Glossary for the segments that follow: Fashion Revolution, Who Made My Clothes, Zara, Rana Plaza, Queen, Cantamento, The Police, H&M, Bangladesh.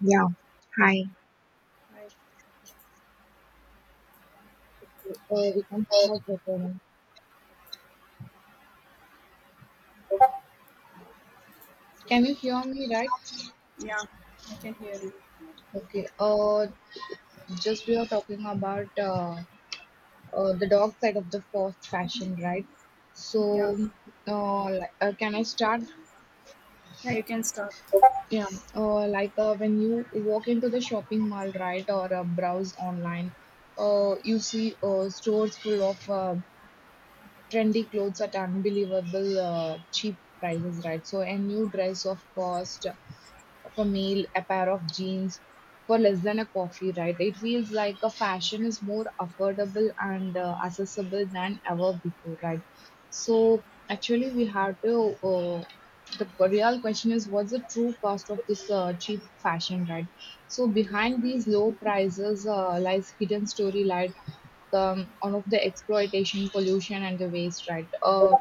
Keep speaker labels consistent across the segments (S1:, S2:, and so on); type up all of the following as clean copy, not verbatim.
S1: Yeah, hi.
S2: I,
S1: Uh, we can start recording. Can you hear me right?
S2: yeah, I can hear you.
S1: Okay. Just we are talking about the dark side of the fast fashion, right? So,
S2: Yeah,
S1: like, can I start?
S2: yeah, you can start.
S1: Yeah. Like when you walk into the shopping mall, right, or browse online, you see stores full of trendy clothes at unbelievable cheap prices, right? So, a new dress of cost of a meal, a pair of jeans for less than a coffee, right? It feels like a fashion is more affordable and accessible than ever before, right? So actually, we have to. The real question is, what's the true cost of this cheap fashion, right? So behind these low prices lies hidden story, like all of the exploitation, pollution, and the waste, right?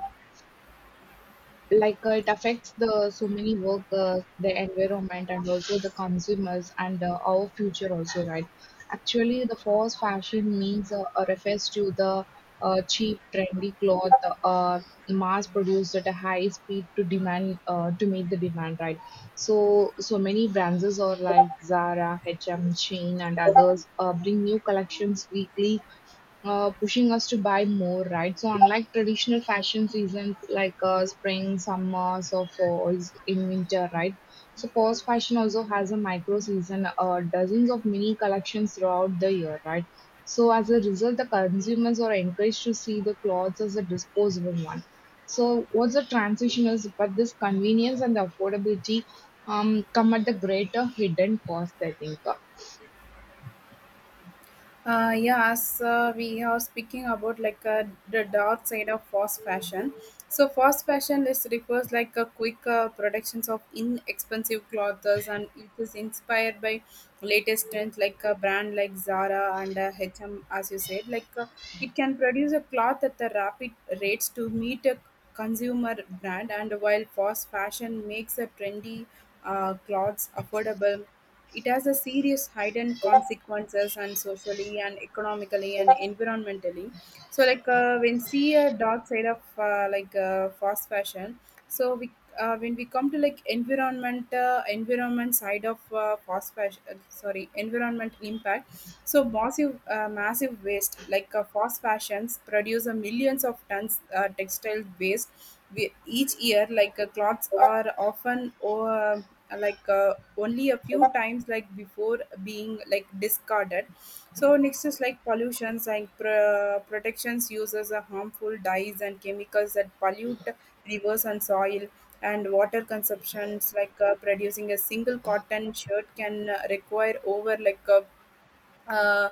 S1: Like it affects the so many workers, the environment, and also the consumers and our future also, right? Actually, the fast fashion means refers to the cheap trendy cloth, uh, mass produced at a high speed to demand to meet the demand, right? So so many brands are like Zara, H&M, Shein, and others bring new collections weekly, pushing us to buy more, right? So unlike traditional fashion seasons like spring, summer, so falls in winter, right? So fast fashion also has a micro season, dozens of mini collections throughout the year, right? So as a result, the consumers are encouraged to see the clothes as a disposable one. So what's the transition is, but this convenience and the affordability come at the greater hidden cost, I think.
S2: Yeah, as we are speaking about like the dark side of fast fashion. So fast fashion is refers like a quick productions of inexpensive clothes, and it is inspired by latest trends like a brand like Zara and H&M, as you said. Like it can produce a cloth at the rapid rates to meet a consumer brand. And while fast fashion makes a trendy clothes affordable, it has a serious hidden consequences, and socially and economically and environmentally. So like when see a dark side of like fast fashion. So we when we come to like environment side of fast fashion, sorry, environment impact. So massive waste, like fast fashions produce a millions of tons textile waste each year. Like clothes are often over like only a few times like before being like discarded. So next is like pollutions and protections uses a harmful dyes and chemicals that pollute rivers and soil and water consumptions. Like producing a single cotton shirt can require over like uh,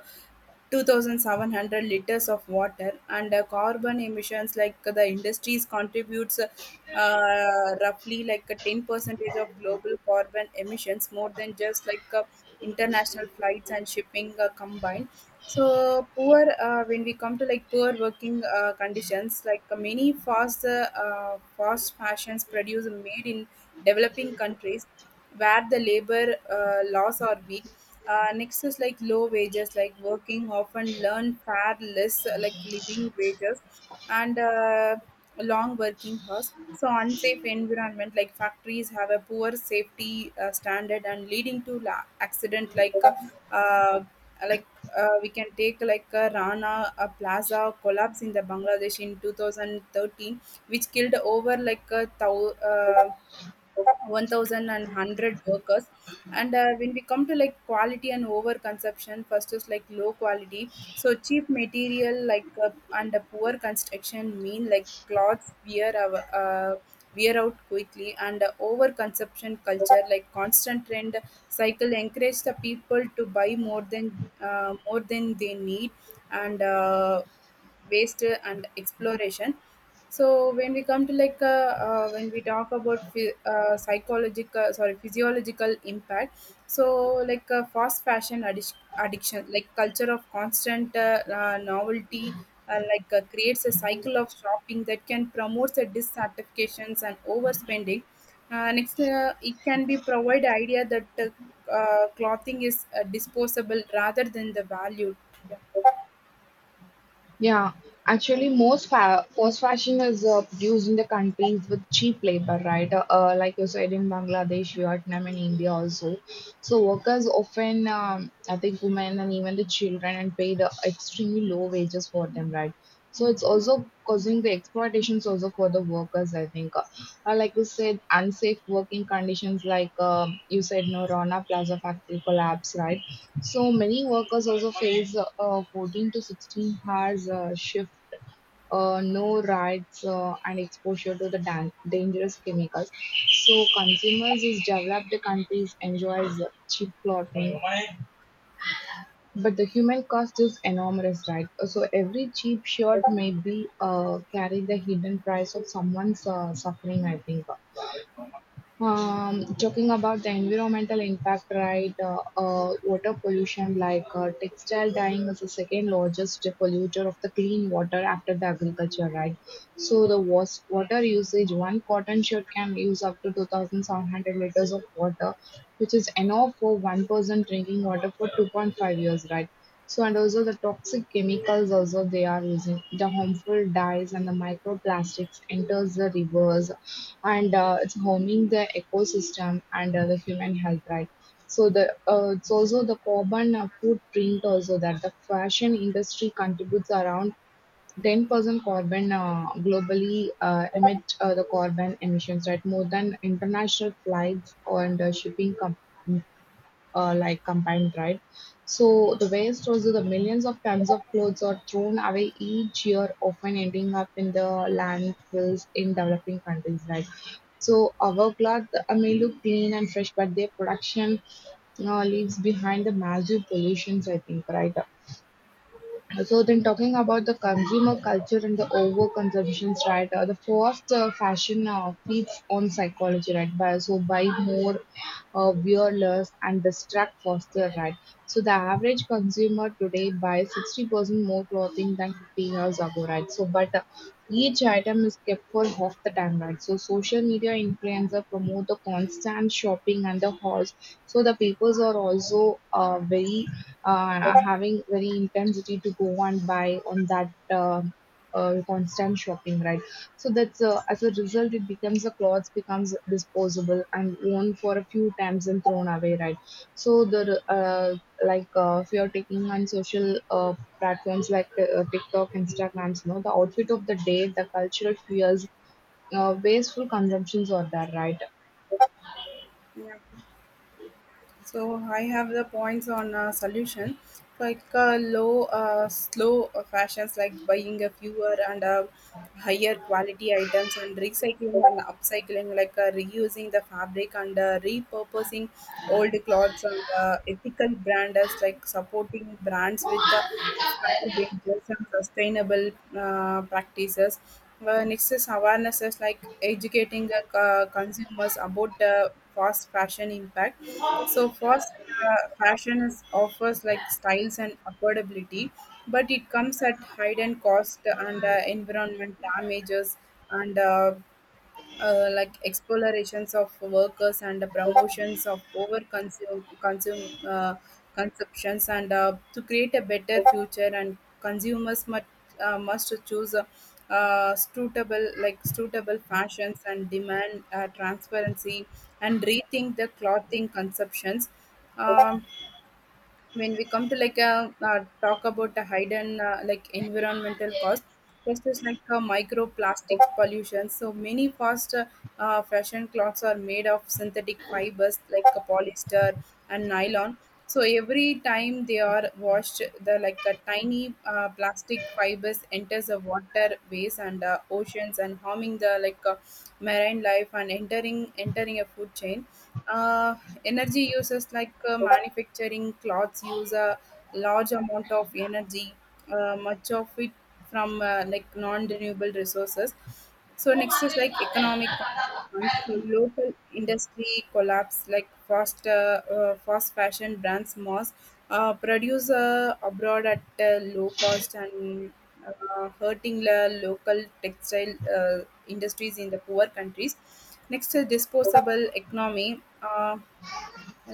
S2: 2,700 liters of water. And carbon emissions, like the industries contributes roughly like a 10 percentage of global carbon emissions, more than just like international flights and shipping combined. So poor when we come to like poor working conditions, like many fast fashions produce made in developing countries where the labor laws are weak. Next is like low wages, like working often learn far less, like living wages, and long working hours. So unsafe environment, like factories have a poor safety standard and leading to accident, uh, like we can take like a Rana a Plaza collapse in the Bangladesh in 2013, which killed over like a thousand, of 1100 workers. And when we come to like quality and over consumption, first is like low quality, so cheap material like and a poor construction mean like clothes wear out quickly. And over consumption culture, like constant trend cycle encourage the people to buy more than they need. And waste and exploration. So when we come to like when we talk about phy- psychological sorry physiological impact. So like fast fashion addiction, like culture of constant novelty, like creates a cycle of shopping that can promote the dissatisfactions and overspending. Next, it can be provide idea that clothing is disposable rather than the value. Yeah.
S1: Yeah, actually, most fa fast fashion is produced in the countries with cheap labor, right? Like you said, in Bangladesh, Vietnam, and India also. So workers often, I think, women and even the children, and paid extremely low wages for them, right? So it's also causing the exploitations also for the workers, I think. Like you said, unsafe working conditions, like you said, no Rana Plaza factory collapse, right? So many workers also face 14 to 16 hours shift, no rights, and exposure to the dangerous chemicals. So consumers in developed countries enjoys cheap clothing, but the human cost is enormous, right? So every cheap shirt may be carry the hidden price of someone's suffering, I think. Talking about the environmental impact, right? Water pollution, like textile dyeing, is the second largest polluter of the clean water after the agriculture, right? So the water usage, one cotton shirt can use up to 2,700 liters of water, which is enough for one person drinking water for 2.5 years, right? So and also the toxic chemicals also they are using the harmful dyes, and the microplastics enters the rivers and it's harming the ecosystem and the human health, right? So the it's also the carbon footprint also, that the fashion industry contributes around 10% carbon globally emit the carbon emissions, right, more than international flights and shipping companies like combined, right? So the waste was the millions of tons of clothes are thrown away each year, often ending up in the landfills in developing countries, right? So our cloth may look clean and fresh, but their production leaves behind the massive pollutions, I think, right? So then talking about the consumer culture and the overconsumption, right? The first fashion feeds on psychology, right? By, so buy more, wear less, and distract faster, right? So the average consumer today buys 60% more clothing than 15 years ago, right? So but each item is kept for half the time, right? So social media influencer promote the constant shopping and the hauls, so the papers are also very having very intensity to go and buy on that constant shopping, right? So that's as a result, it becomes a clothes becomes disposable and worn for a few times and thrown away, right? So the like if you are taking on social platforms like TikTok, Instagrams, you know, the outfit of the day, the cultural fears, wasteful consumptions are there, right?
S2: Yeah. So I have the points on solution. Like slow fashions, like buying a fewer and higher quality items, and recycling and upcycling, like reusing the fabric and repurposing old clothes, and ethical brands like supporting brands with fair wages and sustainable practices. Next is awareness, like educating the consumers about the fast fashion impact. So fast fashion is, offers like styles and affordability, but it comes at hidden cost and environment damages and like explorations of workers and the promotions of over consume, consumptions. And to create a better future, and consumers must choose suitable, like suitable fashions, and demand transparency and rethink the clothing consumptions. um, when we come to like a talk about the hidden like environmental cost, this is like a microplastic pollution. So many fast fashion clothes are made of synthetic fibers like a polyester and nylon. So every time they are washed, the like a tiny plastic fibers enters the water ways and oceans, and harming the like marine life and entering a food chain. uh, Energy uses, like manufacturing clothes use a large amount of energy, much of it from like non-renewable resources. So next is like economic consequence. So local industry collapse, like fast fashion brands mass produce abroad at low cost, and hurting the local textile industries in the poor countries. Next, disposable economy.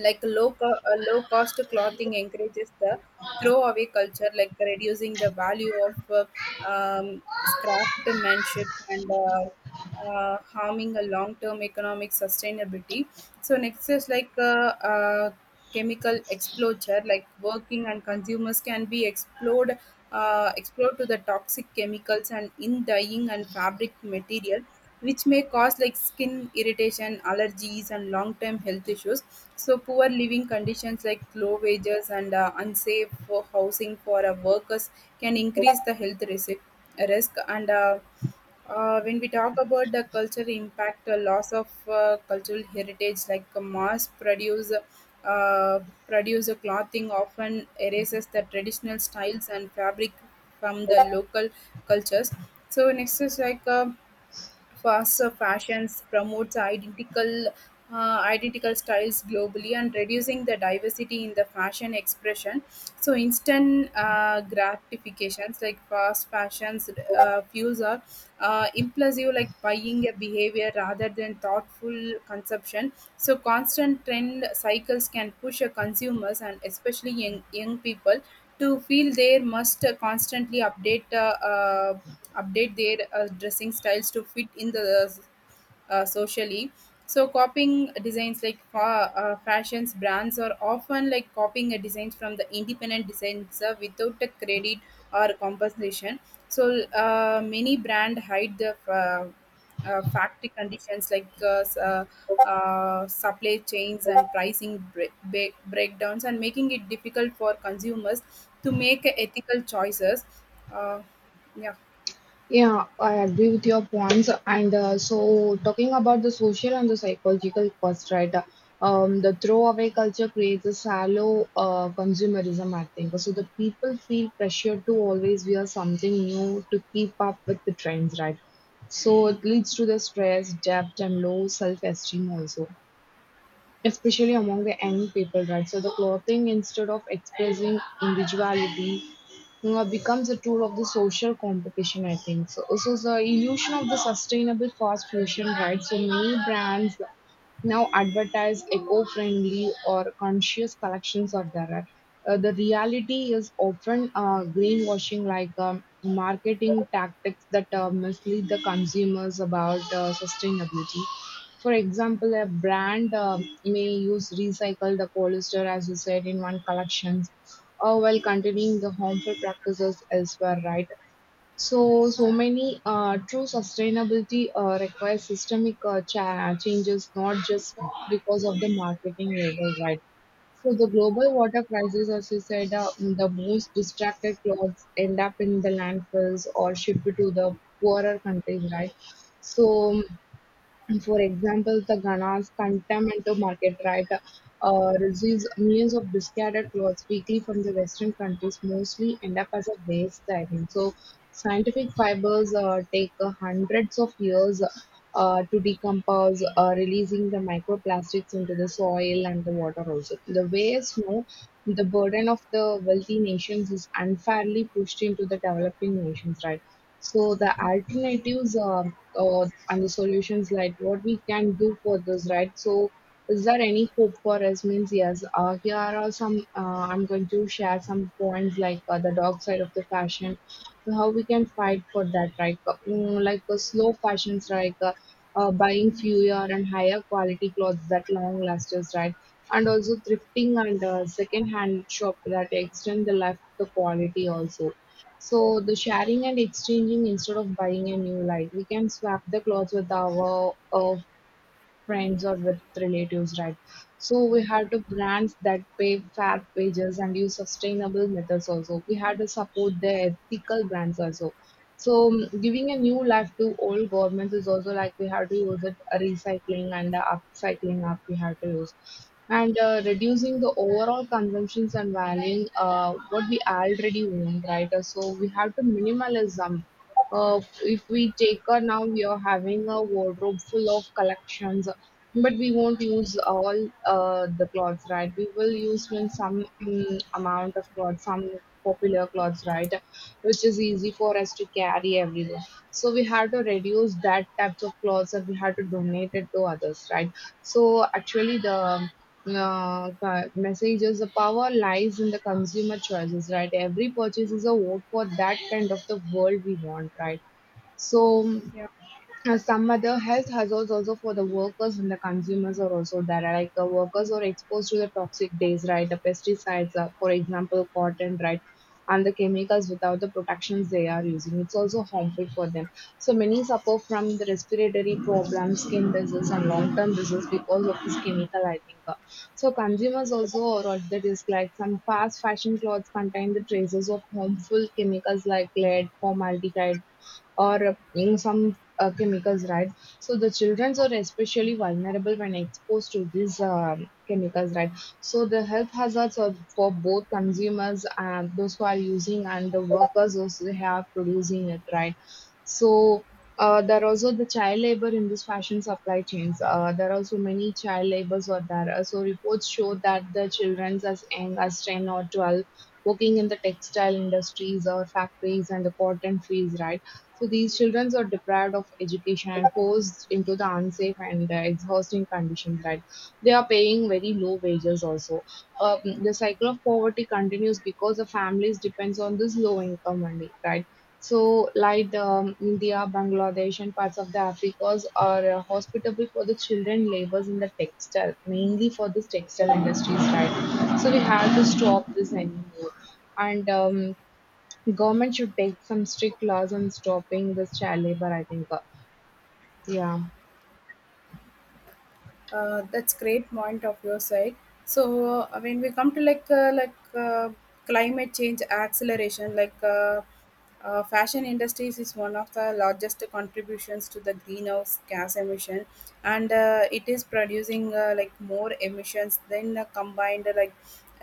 S2: Like low cost clothing encourages the throwaway culture, like reducing the value of uh, um, craftsmanship, and harming a long-term economic sustainability. So next is like chemical exposure, like working and consumers can be explored to the toxic chemicals and in dyeing and fabric material, which may cause like skin irritation, allergies, and long-term health issues. So poor living conditions, like low wages and unsafe for housing for workers can increase the health risk. And when we talk about the cultural impact, loss of cultural heritage, like mass produce. Produce clothing often erases the traditional styles and fabric from the local cultures. So next is like fast fashions promotes identical styles globally and reducing the diversity in the fashion expression. So instant gratifications, like fast fashions fuels are impulsive, like buying a behavior rather than thoughtful consumption. So constant trend cycles can push a consumers, and especially young people to feel they must constantly update their dressing styles to fit in the socially. So copying designs, like fashions brands are often like copying a designs from the independent designer without a credit or compensation. So many brand hide the factory conditions, like supply chains and pricing breakdowns, and making it difficult for consumers to make ethical choices. Uh, yeah,
S1: Yeah, I agree with your points. And so, talking about the social and the psychological cost, right? The throwaway culture creates a shallow consumerism, I think. So, the people feel pressured to always wear something new to keep up with the trends, right? So, it leads to the stress, debt, and low self esteem also. Especially among the young people, right? So the clothing, instead of expressing individuality, becomes a tool of the social competition, I think. So, so the illusion of the sustainable fast fashion, right? So many brands now advertise eco-friendly or conscious collections are there, right? The reality is often greenwashing, like marketing tactics that mislead the consumers about sustainability. For example, a brand may use recycled polyester, as you said, in one collections, while continuing the harmful practices elsewhere, right? So, so many true sustainability requires systemic changes, not just because of the marketing label, right? So the global water crisis, as you said, the most distracted clothes end up in the landfills or shipped to the poorer countries, right? So for example, the Ghana's Cantamento market, right, receives millions of discarded clothes weekly from the Western countries, mostly end up as a waste, I think. So, scientific fibers take hundreds of years to decompose, releasing the microplastics into the soil and the water also. The waste, no, the burden of the wealthy nations is unfairly pushed into the developing nations, right? So the alternatives and the solutions, like what we can do for this, right? So is there any hope for us? Means yes. Here are some. I'm going to share some points like the dark side of the fashion, how we can fight for that, right? Like slow fashions, like buying fewer and higher quality clothes that long lasters, right? And also thrifting and second hand shop that extend the life of the quality also, so the sharing and exchanging instead of buying a new, like we can swap the clothes with our friends or with relatives, right? So we had to brands that pay fair wages and use sustainable methods also. We had to support the ethical brands also. So giving a new life to old governments is also like we have to use it, recycling and upcycling up, we have to use, and reducing the overall consumptions and valuing what we already own, right? So we have to minimalism. If we take a, now we are having a wardrobe full of collections, but we won't use all the clothes, right? We will use when some amount of clothes, some popular clothes, right, which is easy for us to carry everywhere, so we had to reduce that types of clothes and we had to donate it to others, right? So actually the messages, the power lies in the consumer choices, right? Every purchase is a vote for that kind of the world we want, right? So
S2: yeah,
S1: some other health hazards also for the workers and the consumers are also there. Like workers are exposed to the toxic days, right? The pesticides, for example, cotton, right? And the chemicals without the protections they are using. It's also harmful for them. So many suffer from the respiratory problems, skin disease, and long-term disease because of this chemical, I think. So consumers also are at the risk. Like some fast fashion clothes contain the traces of harmful chemicals like lead, formaldehyde, or in some chemicals, right? So the children are especially vulnerable when exposed to these chemicals, right? So the health hazards are for both consumers and those who are using, and the workers also they have producing it, right? So there are also the child labor in this fashion supply chains. There are also many child labors are there. So reports show that the children as young as 10 or 12 working in the textile industries or factories and the cotton fields, right? So these children are deprived of education and forced into the unsafe and exhausting conditions that they are paying very low wages also. The cycle of poverty continues because the families depends on this low income money, right? So, India, Bangladesh, and parts of the Africas are hospitable for the children labors in the textile, mainly for this textile industries, right? So we have to stop this anymore. And Government should take some strict laws on stopping this child labor, I think.
S2: that's great point of your side. So when we come to like climate change acceleration, like fashion industries is one of the largest contributions to the greenhouse gas emission, and it is producing like more emissions than combined like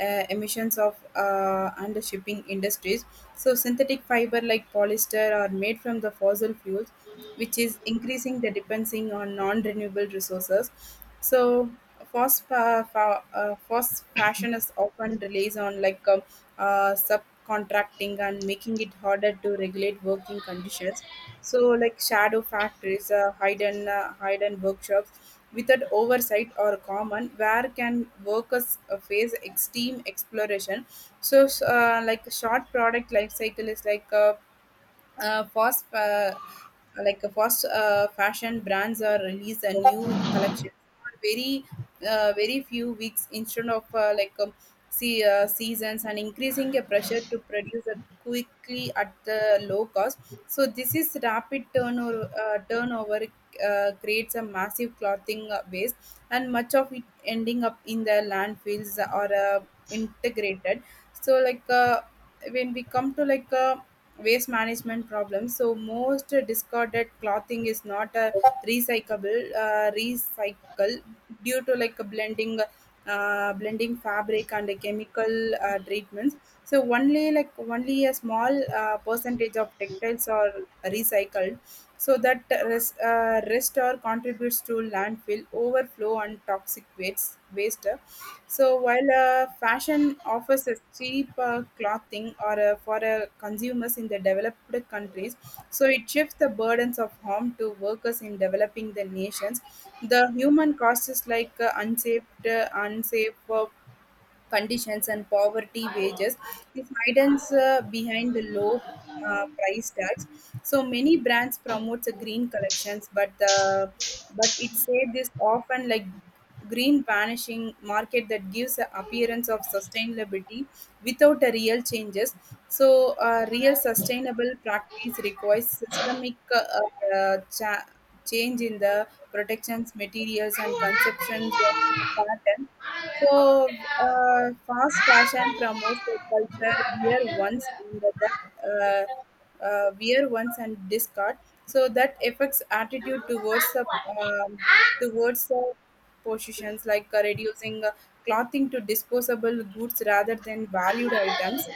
S2: emissions of and the shipping industries. So synthetic fiber like polyester are made from the fossil fuels, which is increasing the dependency on non-renewable resources. So fast fashion is often relies on like subcontracting and making it harder to regulate working conditions. So like shadow factories, hidden workshops without oversight are common, where can workers face extreme exploration. So like short product life cycle is like fast fa- like a fast fashion brands are release a new collection for very few weeks instead of like see seasons, and increasing a pressure to produce a quickly at the low cost. So this is rapid turnover creates a massive clothing waste, and much of it ending up in the landfills or integrated. So like when we come to like waste management problems. So most discarded clothing is not a recyclable recycle due to like a blending fabric and the chemical treatments. So only a small percentage of textiles are recycled. So that rest, rest or contributes to landfill overflow and toxic waste. So while fashion offers a cheap clothing or for consumers in the developed countries, so it shifts the burdens of harm to workers in developing the nations. The human cost is like unsafe. Conditions and poverty wages is hidden behind the low price tags. So many brands promotes a green collections, but the but it say this often like green vanishing market that gives the appearance of sustainability without a real changes. So real sustainable practice requires systemic uh, cha- change in the protections materials and consumptions pattern. So fast fashion promotes the culture wear once and that wear once and discard. So that affects attitude um, towards the positions, like reducing clothing to disposable goods rather than valued items.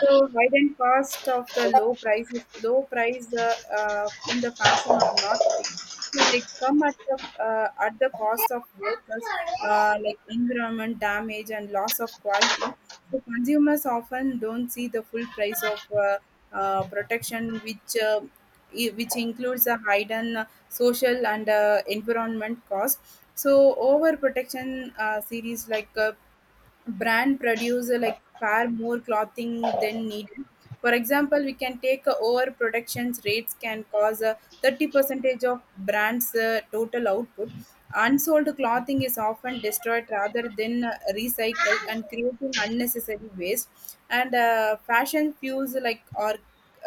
S2: So wide and cost of the low prices, low price in the fashion are not free. So they come at the
S1: Yeah.
S2: cost of workers, like environment damage and loss of quality. So consumers often don't see the full price of protection, which which includes the hidden social and environment cost. So overprotection, series, like brand produce like far more clothing than needed. For example, we can take overproductions rates can cause 30 percentage of brands total output. Unsold clothing is often destroyed rather than recycled, and creating unnecessary waste. And fashion fuels, like or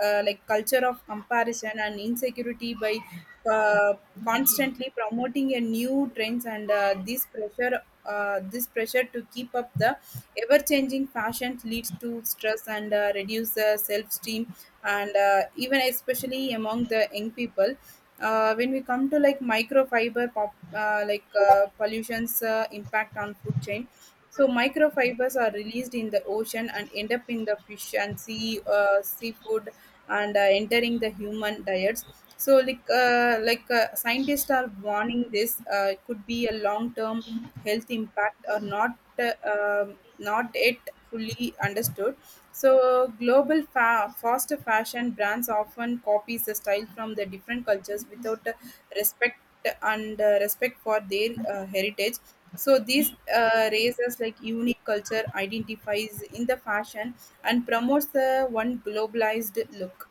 S2: like culture of comparison and insecurity by uh, constantly promoting a new trends. And this pressure to keep up the ever changing fashions leads to stress and reduce the self esteem, and even especially among the young people. When we come to like microfiber like pollution's impact on food chain. So microfibers are released in the ocean and end up in the fish and seafood, and entering the human diets. So like scientists are warning this, it could be a long term health impact or not yet fully understood. So global fast fashion brands often copies the style from the different cultures without respect respect for their heritage. So these raises like unique culture identifies in the fashion and promotes the one globalized look.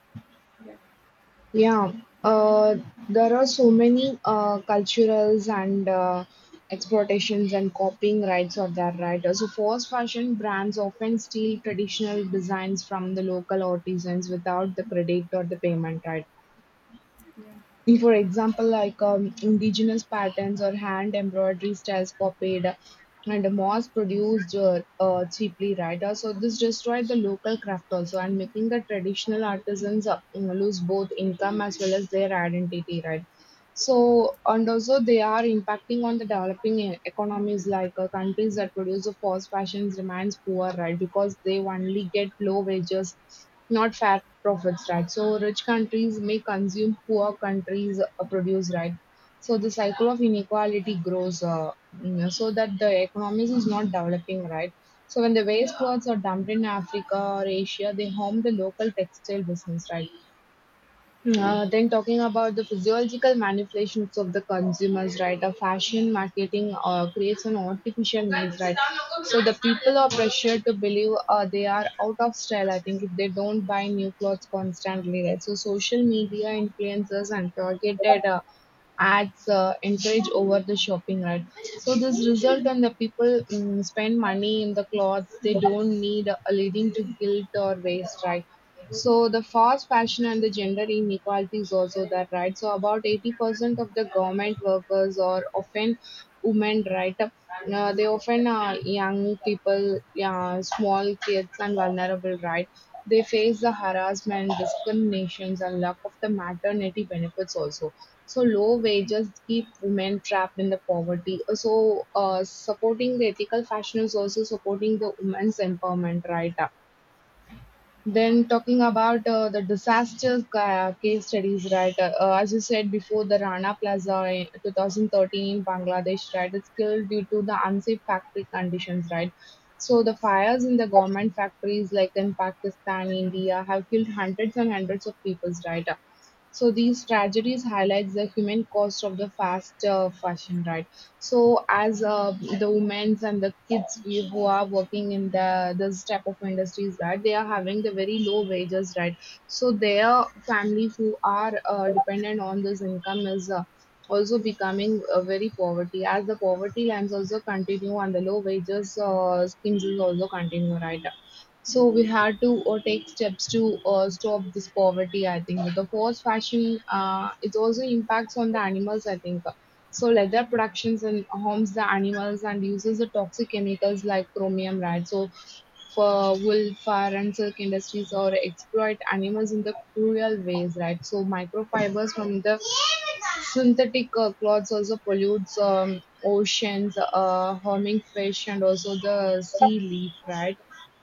S1: Yeah, uh, there are so many culturals and exportations and copying rights of their right. So, fast fashion brands often steal traditional designs from the local artisans without the credit or the payment right. For example, indigenous patterns or hand embroidery styles copied and mass produced cheaply, right? So this destroyed the local craft also and making the traditional artisans lose both income as well as their identity, right? So, and also they are impacting on the developing economies like countries that produce the fast fashions remains poor, right? Because they only get low wages, not fair profits, right? So rich countries may consume poor countries produce, right? So the cycle of inequality grows, you so that the economies is not developing, right? So when the waste clothes are dumped in Africa or Asia, they harm the local textile business, right? Then talking about the physiological manipulations of the consumers, right? A fashion marketing creates an artificial needs, right? So the people are pressured to believe they are out of style. I think if they don't buy new clothes constantly, right? So social media influencers and targeted ads encourage over the shopping, right? So this result and the people spend money in the clothes they don't need, leading to guilt or waste, right? So the fast fashion and the gender inequalities also there, right? So about 80% of the government workers are often women, right? They often are young people, yeah, small kids and vulnerable, right? They face the harassment, discriminations and lack of the maternity benefits also. So low wages keep women trapped in the poverty. So supporting the ethical fashion is also supporting the women's empowerment, right?
S2: Yeah,
S1: Then talking about the disaster case studies, right? As you said before, the Rana Plaza in 2013 in Bangladesh, right? It's killed due to the unsafe factory conditions, right? So the fires in the government factories, like in Pakistan, India, have killed hundreds and hundreds of people, right? So these tragedies highlights the human cost of the fast fashion, right? So as the women's and the kids we, who are working in the this type of industries, right, they are having the very low wages, right? So their family who are dependent on this income is also becoming very poverty as the poverty lines also continue and the low wages schemes is also continue, right? So we had to take steps to stop this poverty. I think the forced fashion it also impacts on the animals. I think so. Leather productions and harms the animals and uses the toxic chemicals like chromium, right? So for wool, fur, and silk industries or exploit animals in the cruel ways, right? So microfibers from the synthetic cloths also pollutes oceans, harming fish, and also the sea leaf, right?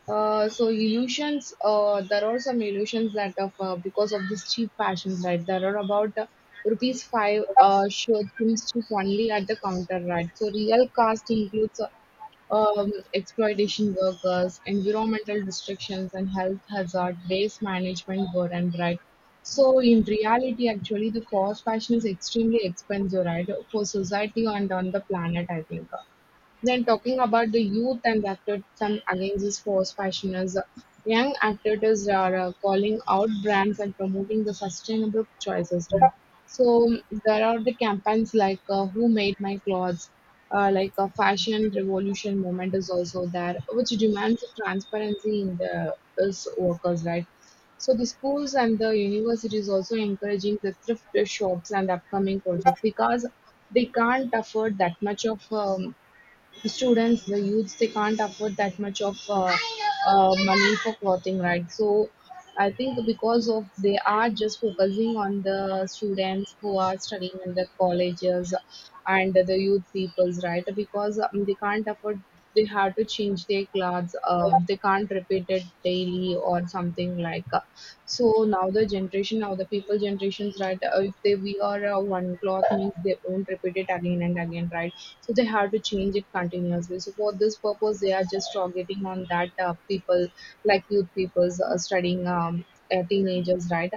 S1: So illusions, there are some illusions that of because of this cheap fashion, right? There are about rupees five shirts cheap only at the counter, right? So real cost includes. Exploitation workers, environmental restrictions, and health hazard, waste management were and right. So in reality, actually, the fast fashion is extremely expensive, right, for society and on the planet. I think. Then talking about the youth and activism against this force fashioners, young activists are calling out brands and promoting the sustainable choices. Right? So there are the campaigns like "Who Made My Clothes," like a fashion revolution movement is also there, which demands transparency in the its workers, right? So the schools and the universities also encouraging the thrift shops and upcoming projects because they can't afford that much of students, the youths, they can't afford that much of money for clothing, right? So I think because of they are just focusing on the students who are studying in the colleges and the youth peoples, right? Because they can't afford, they have to change their clothes. They can't repeat it daily or something like. So now the generation, now the people generations, right? If they wear one cloth means they won't repeat it again and again, right? So they have to change it continuously, so for this purpose they are just targeting on that people like youth people studying teenagers, right?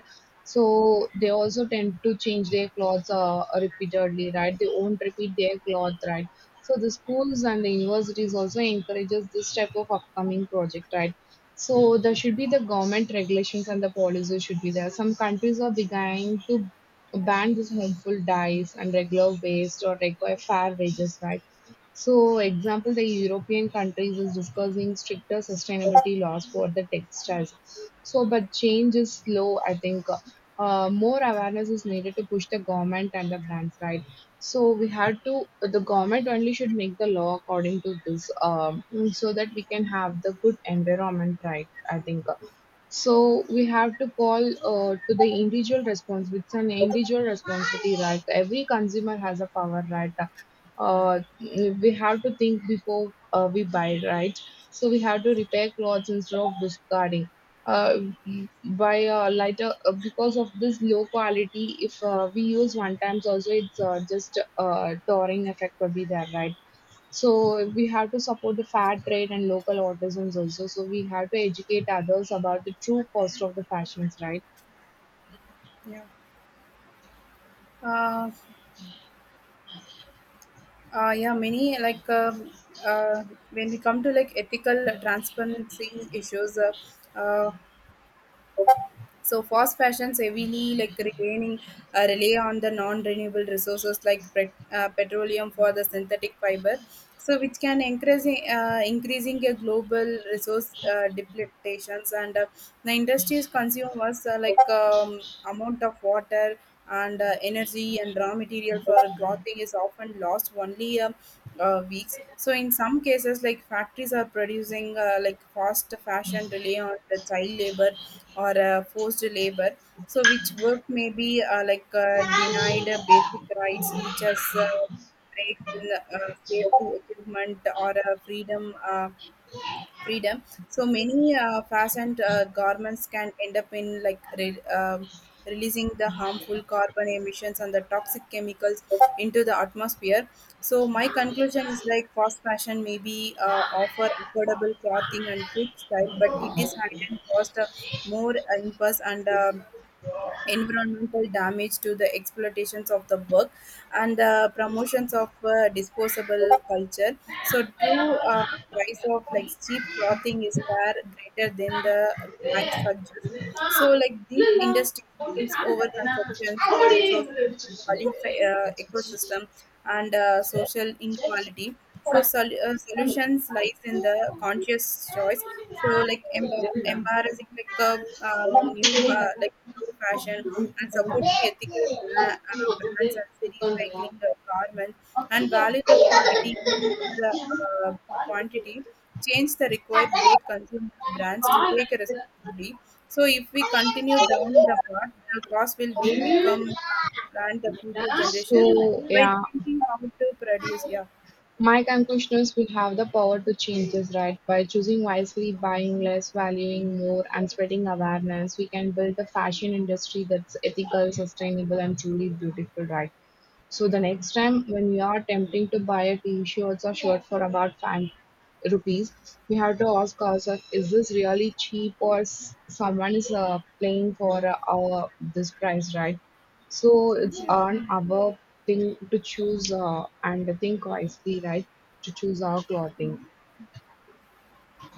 S1: So they also tend to change their clothes repeatedly, right? They won't repeat their cloth, right? So the schools and the universities also encourages this type of upcoming project, right? So there should be the government regulations and the policies should be there. Some countries are beginning to ban these harmful dyes and regular waste or require fair wages, right? So, example, the European countries is discussing stricter sustainability laws for the textiles. So, but change is slow. I think more awareness is needed to push the government and the brands, right. So, we had to the government only should make the law according to this, so that we can have the good environment, right. I think. So we have to call to the individual response. It's an individual responsibility, right? Every consumer has a power, right? We have to think before we buy, right? So we have to repair clothes instead of discarding. Uh, by Lighter because of this low quality, if we use one times also, it's just touring effect will be there, right? So we have to support the fair trade and local artisans also. So we have to educate others about the true cost of the fashions, right?
S2: yeah, uh, yeah, many like uh, when we come to like ethical transparency issues. Uh, So fast fashions heavily like rely on the non-renewable resources like petroleum for the synthetic fiber, so which can increase increasing a global resource depletions, and the industries consumers like amount of water and energy and raw material for clothing is often lost only weeks. So in some cases, like factories are producing like fast fashion rely on the child labor or forced labor, so which work may be like denied basic rights, which has breaks in safety equipment or freedom. So many fastened garments can end up in like releasing the harmful carbon emissions and the toxic chemicals into the atmosphere. So my conclusion is like fast fashion maybe offer
S1: 네.
S2: affordable clothing and good style, but it is hidden cost, more impulse and environmental damage to the exploitations of the work and the promotions of disposable culture. So true price of like cheap clothing is far greater than the drag suggests. So like these industries pulls over consumptions and resources, pollutes the ecosystem, and social inequality. So solutions lies in the conscious choice. So like embarrassing, like a new fa- like new fashion, and supporting ethical brands, and recycling the garments, and value the quality over the uh, quantity. Change the required both consumer brands to take responsibly. So if we continue down the path, the cost will be become, and the future generation
S1: So
S2: by
S1: yeah,
S2: thinking how to produce. Yeah,
S1: my conclusions we have the power to change this right by choosing wisely, buying less, valuing more, and spreading awareness. We can build a fashion industry that's ethical, sustainable, and truly beautiful, right? So the next time when you are tempting to buy a t-shirts or shirt for about five rupees, we have to ask ourselves: Is this really cheap, or someone is playing for our this price, right? So it's
S2: yeah.
S1: an our thing to choose and think wisely, right? To choose our clothing.